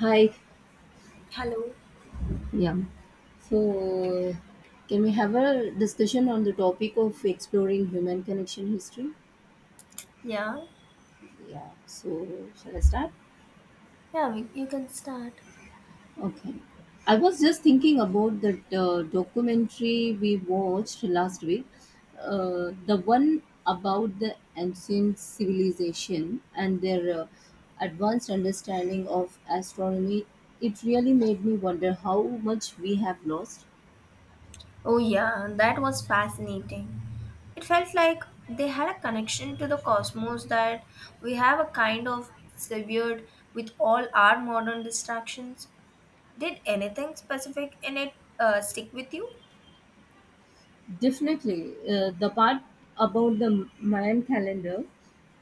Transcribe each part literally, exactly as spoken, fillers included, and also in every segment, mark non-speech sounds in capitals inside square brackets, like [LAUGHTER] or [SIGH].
Hi, Hello. yeah. So, can we have a discussion on the topic of exploring human connection history? Yeah, Yeah. So, shall I start? yeah, we, you can start. Okay. I was just thinking about that uh, documentary we watched last week, uh, the one about the ancient civilization and their uh, advanced understanding of astronomy. It really made me wonder how much we have lost. Oh, yeah, that was fascinating. It felt like they had a connection to the cosmos that we have a kind of severed with all our modern distractions. Did anything specific in it uh, stick with you? Definitely. Uh, the part about the Mayan calendar,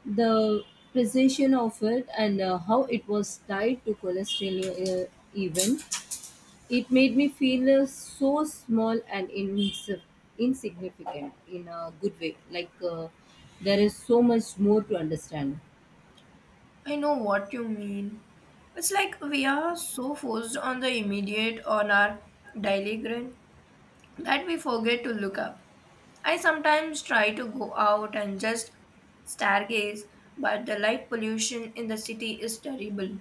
the precision of it, and uh, how it was tied to cholesterol uh, even, it made me feel uh, so small and insi- insignificant in a good way. Like uh, there is so much more to understand. I know what you mean. It's like we are so focused on the immediate on our daily grind that we forget to look up. I sometimes try to go out and just stargaze, but the light pollution in the city is terrible.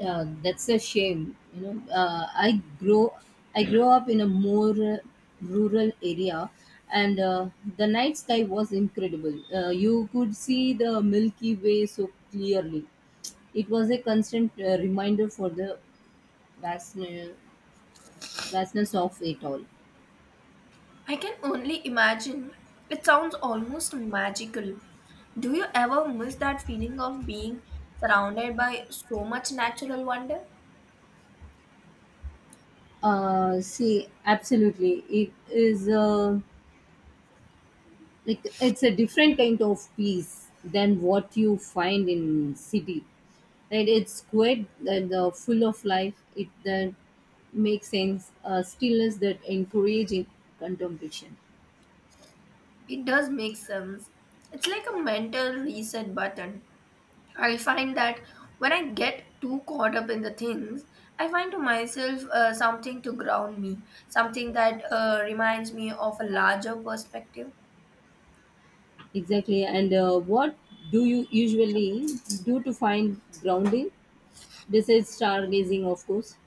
Yeah, that's a shame. You know, uh, I grow, I grew up in a more uh, rural area, and uh, the night sky was incredible. Uh, you could see the Milky Way so clearly. It was a constant uh, reminder for the vastness, vastness of it all. I can only imagine. It sounds almost magical. Do you ever miss that feeling of being surrounded by so much natural wonder? Uh, see, absolutely, it is. Uh, like it's a different kind of peace than what you find in city, right. It's quite the uh, full of life. It then makes sense, uh, stillness that encouraging contemplation. It does make sense. It's like a mental reset button. I find that when I get too caught up in the things, I find to myself uh, something to ground me, something that uh, reminds me of a larger perspective. Exactly. And uh, what do you usually do to find grounding, besides stargazing, of course.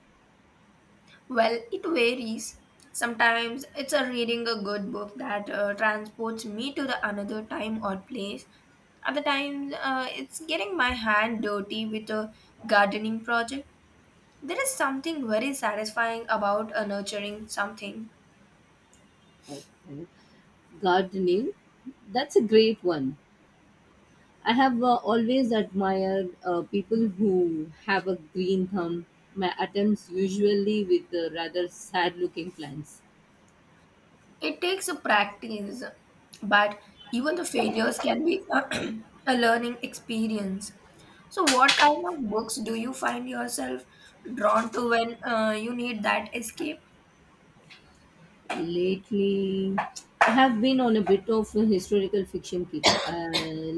Well, it varies. Sometimes it's a reading a good book that uh, transports me to the another time or place. Other times, uh, it's getting my hand dirty with a gardening project. There is something very satisfying about uh, nurturing something. Okay. Gardening, that's a great one. I have uh, always admired uh, people who have a green thumb. My attempts usually with uh, rather sad looking plants. It takes a practice, but even the failures can be [CLEARS THROAT] a learning experience. So, what kind of books do you find yourself drawn to when uh, you need that escape? Lately, I have been on a bit of a historical fiction kick. I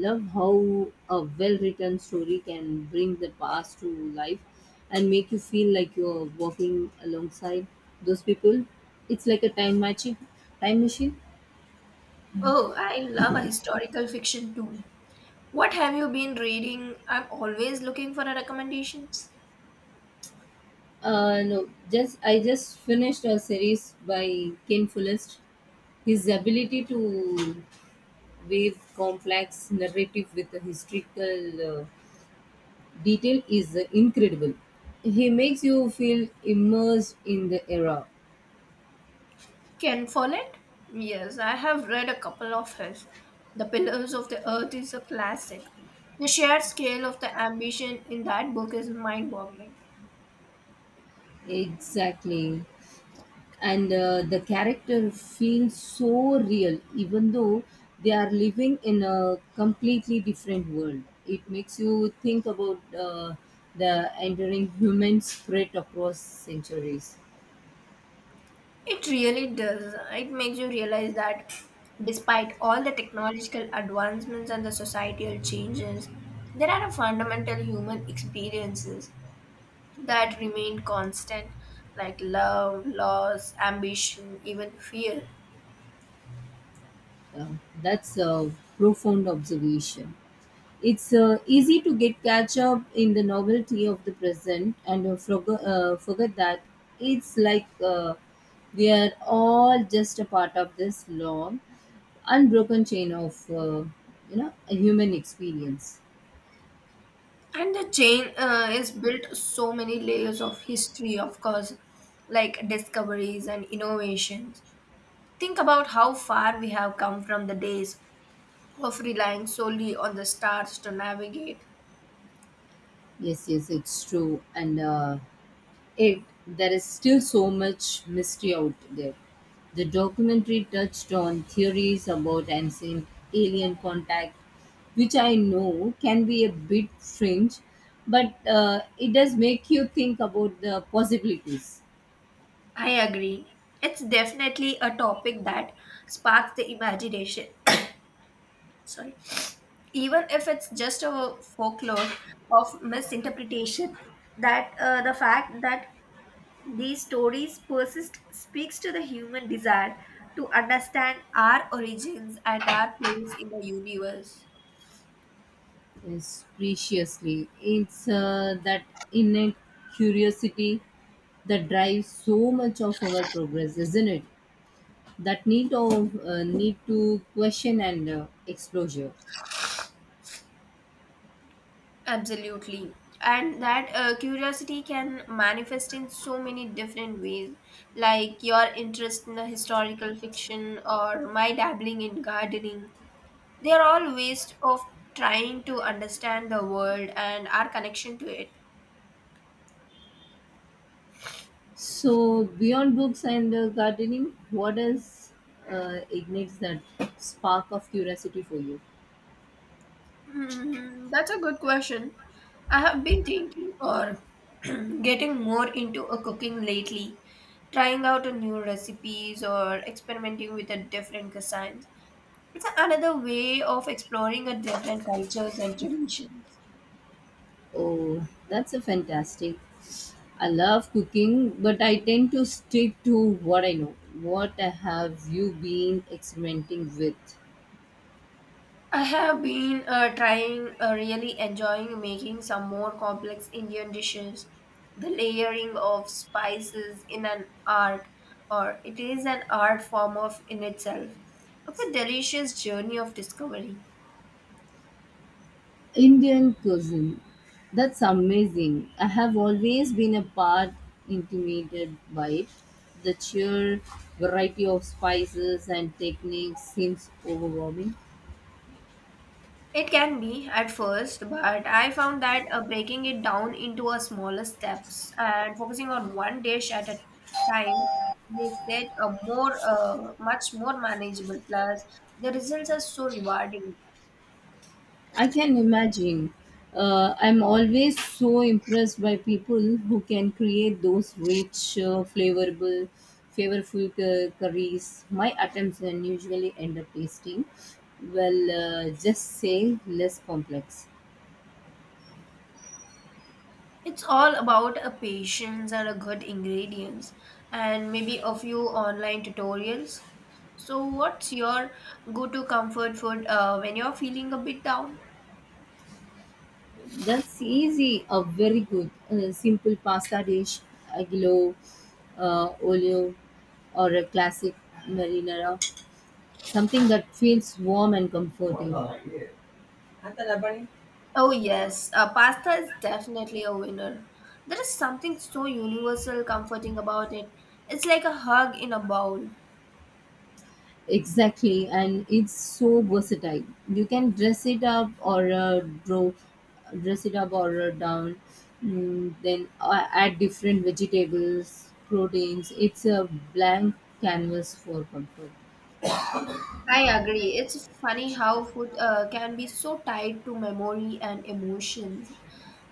love how a well written story can bring the past to life and make you feel like you're walking alongside those people. It's like a time machine. Time machine. Oh, I love a historical fiction too. What have you been reading? I'm always looking for recommendations. Uh, no, just I just finished a series by Ken Follett. His ability to weave complex narrative with a historical uh, detail is uh, incredible. He makes you feel immersed in the era. Ken Follett? Yes, I have read a couple of his. The Pillars of the Earth is a classic. The sheer scale of the ambition in that book is mind boggling. Exactly. And uh, the character feels so real, even though they are living in a completely different world. It makes you think about uh, the enduring human spirit across centuries. It really does. It makes you realize that despite all the technological advancements and the societal changes, there are a fundamental human experiences that remain constant, like love, loss, ambition, even fear. Uh, that's a profound observation. It's uh, easy to get catch up in the novelty of the present and uh, forgo- uh, forget that it's like uh, we are all just a part of this long, unbroken chain of uh, you know a human experience. And the chain uh, is built so many layers of history, of course, like discoveries and innovations. Think about how far we have come from the days of relying solely on the stars to navigate. Yes, yes, it's true, and. Uh, It there is still so much mystery out there. The documentary touched on theories about ancient alien contact, which I know can be a bit fringe, but uh, it does make you think about the possibilities. I agree. It's definitely a topic that sparks the imagination. [COUGHS] Sorry. Even if it's just a folklore of misinterpretation, that uh, the fact that these stories persist speaks to the human desire to understand our origins and our place in the universe. Yes, preciously. It's uh, that innate curiosity that drives so much of our progress, isn't it? That need of uh, need to question and uh, exposure. Absolutely. And that uh, curiosity can manifest in so many different ways, like your interest in the historical fiction or my dabbling in gardening. They are all ways of trying to understand the world and our connection to it. So, beyond books and uh, gardening, what else uh, ignites that spark of curiosity for you? Hmm, that's a good question. I have been thinking or [CLEARS THROAT] getting more into a cooking lately, trying out a new recipes or experimenting with a different cuisine. It's another way of exploring a different cultures and traditions. Oh, that's a fantastic. I love cooking, but I tend to stick to what I know. What have you been experimenting with? I have been uh, trying, uh, really enjoying making some more complex Indian dishes. The layering of spices in an art, or it is an art form of in itself. It's a delicious journey of discovery. Indian cuisine. That's amazing. I have always been a part intimidated by it. The sheer variety of spices and techniques seems overwhelming. It can be at first, but I found that uh, breaking it down into a smaller steps and focusing on one dish at a time makes it a more uh, much more manageable. Plus, the results are so rewarding. I can imagine. Uh, I'm always so impressed by people who can create those rich, uh, flavorable, flavorful cu- curries. My attempts then usually end up tasting, well, uh, just say less complex. It's all about a patience and a good ingredients, and maybe a few online tutorials. So, what's your go-to comfort food uh, when you're feeling a bit down? That's easy. A very good, uh, simple pasta dish, aglio, uh, olio, or a classic marinara. Something that feels warm and comforting. Oh, yes, uh, pasta is definitely a winner. There is something so universal comforting about it. It's like a hug in a bowl. Exactly, and it's so versatile. You can dress it up or uh, draw, dress it up or uh, down. Mm, then uh, add different vegetables, proteins. It's a blank canvas for comfort. I agree. It's funny how food uh, can be so tied to memory and emotions.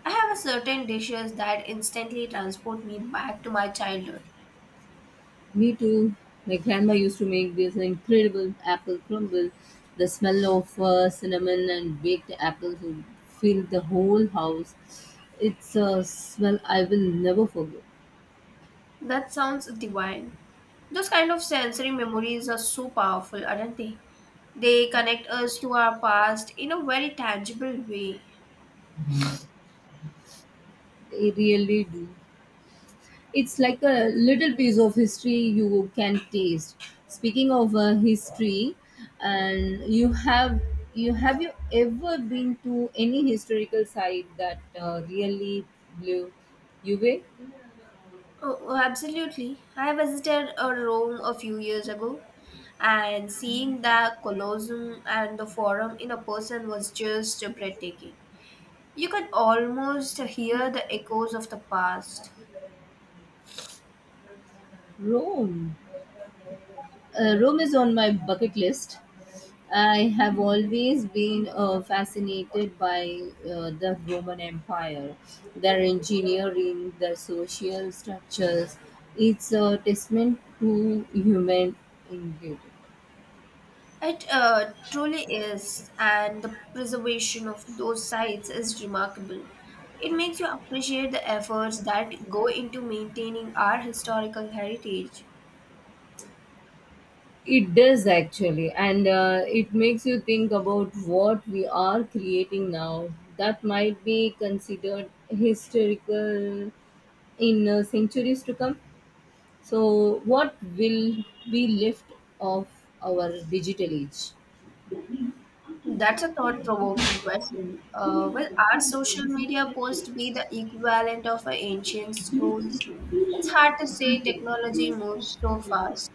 I have a certain dishes that instantly transport me back to my childhood. Me too. My grandma used to make this incredible apple crumble. The smell of uh, cinnamon and baked apples would fill the whole house. It's a smell I will never forget. That sounds divine. Those kind of sensory memories are so powerful, aren't they? They connect us to our past in a very tangible way. I really do. It's like a little piece of history you can taste. Speaking of uh, history, and you have you have you ever been to any historical site that uh, really blew you away? Oh, oh, absolutely. I visited uh, Rome a few years ago, and seeing the Colosseum and the Forum in a person was just breathtaking. You could almost hear the echoes of the past. Rome Uh, Rome is on my bucket list. I have always been uh, fascinated by uh, the Roman Empire, their engineering, their social structures. It's a testament to human ingenuity. It uh, truly is, and the preservation of those sites is remarkable. It makes you appreciate the efforts that go into maintaining our historical heritage. It does actually, and uh, it makes you think about what we are creating now that might be considered historical in uh, centuries to come. So, what will be left of our digital age? That's a thought-provoking question. Uh, will our social media post be the equivalent of a ancient scrolls? It's hard to say. Technology moves so fast.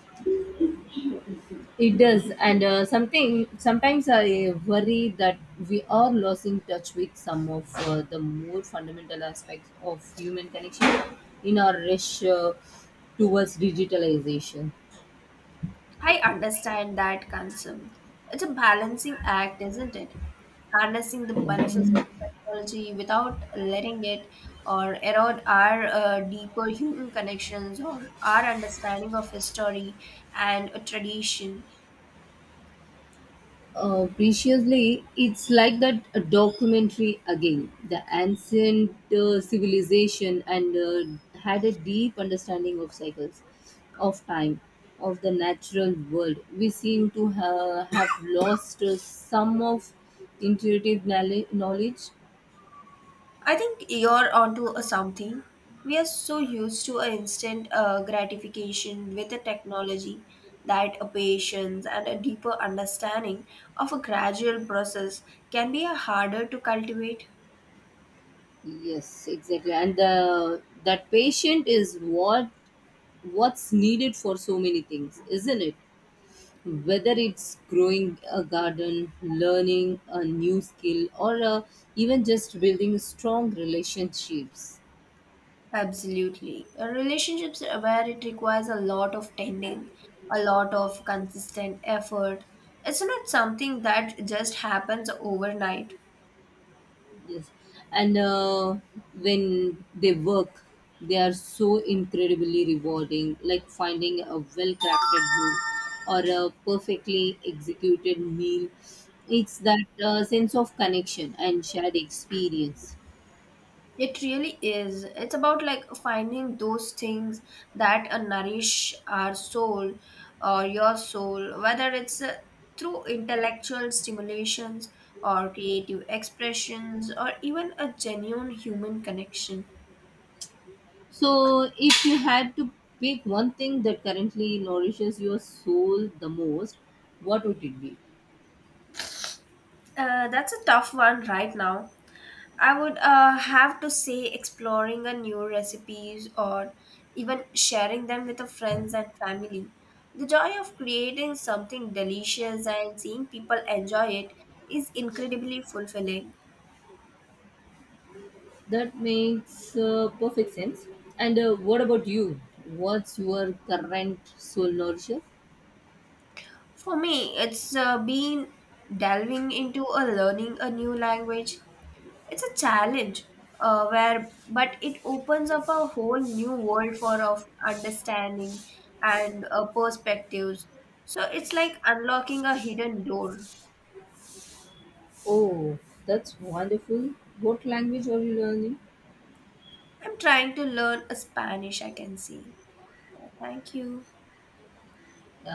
It does, and uh, something sometimes I worry that we are losing touch with some of uh, the more fundamental aspects of human connection in our rush uh, towards digitalization. I understand that concern. It's a balancing act, isn't it? Harnessing the benefits of technology without letting it or erode our uh, deeper human connections or our understanding of history and tradition. Uh, preciously, it's like that uh, documentary again. The ancient uh, civilization and uh, had a deep understanding of cycles, of time, of the natural world. We seem to ha- have lost uh, some of intuitive knowle- knowledge. I think you're onto a something. We are so used to an instant uh, gratification with a technology that a patience and a deeper understanding of a gradual process can be a harder to cultivate. Yes, exactly. And the, that patient is what what's needed for so many things, isn't it? Whether it's growing a garden, learning a new skill, or uh, even just building strong relationships. Absolutely. Uh, Relationships are where it requires a lot of tending, a lot of consistent effort. It's not something that just happens overnight. Yes, and uh, when they work, they are so incredibly rewarding. Like finding a well-crafted book or a perfectly executed meal, it's that uh, sense of connection and shared experience. It really is. It's about like finding those things that uh, nourish our soul or your soul, whether it's uh, through intellectual stimulations or creative expressions or even a genuine human connection. So, if you had to pick one thing that currently nourishes your soul the most, what would it be? Uh, that's a tough one right now. I would uh, have to say exploring a new recipes or even sharing them with the friends and family. The joy of creating something delicious and seeing people enjoy it is incredibly fulfilling. That makes uh, perfect sense. And uh, what about you? What's your current soul nourisher? For me, it's uh, been delving into a learning a new language, it's a challenge uh, where but it opens up a whole new world for of understanding and uh, perspectives, so it's like unlocking a hidden door. Oh, that's wonderful. What language are you learning? I'm trying to learn a Spanish, I can see. Yeah, thank you.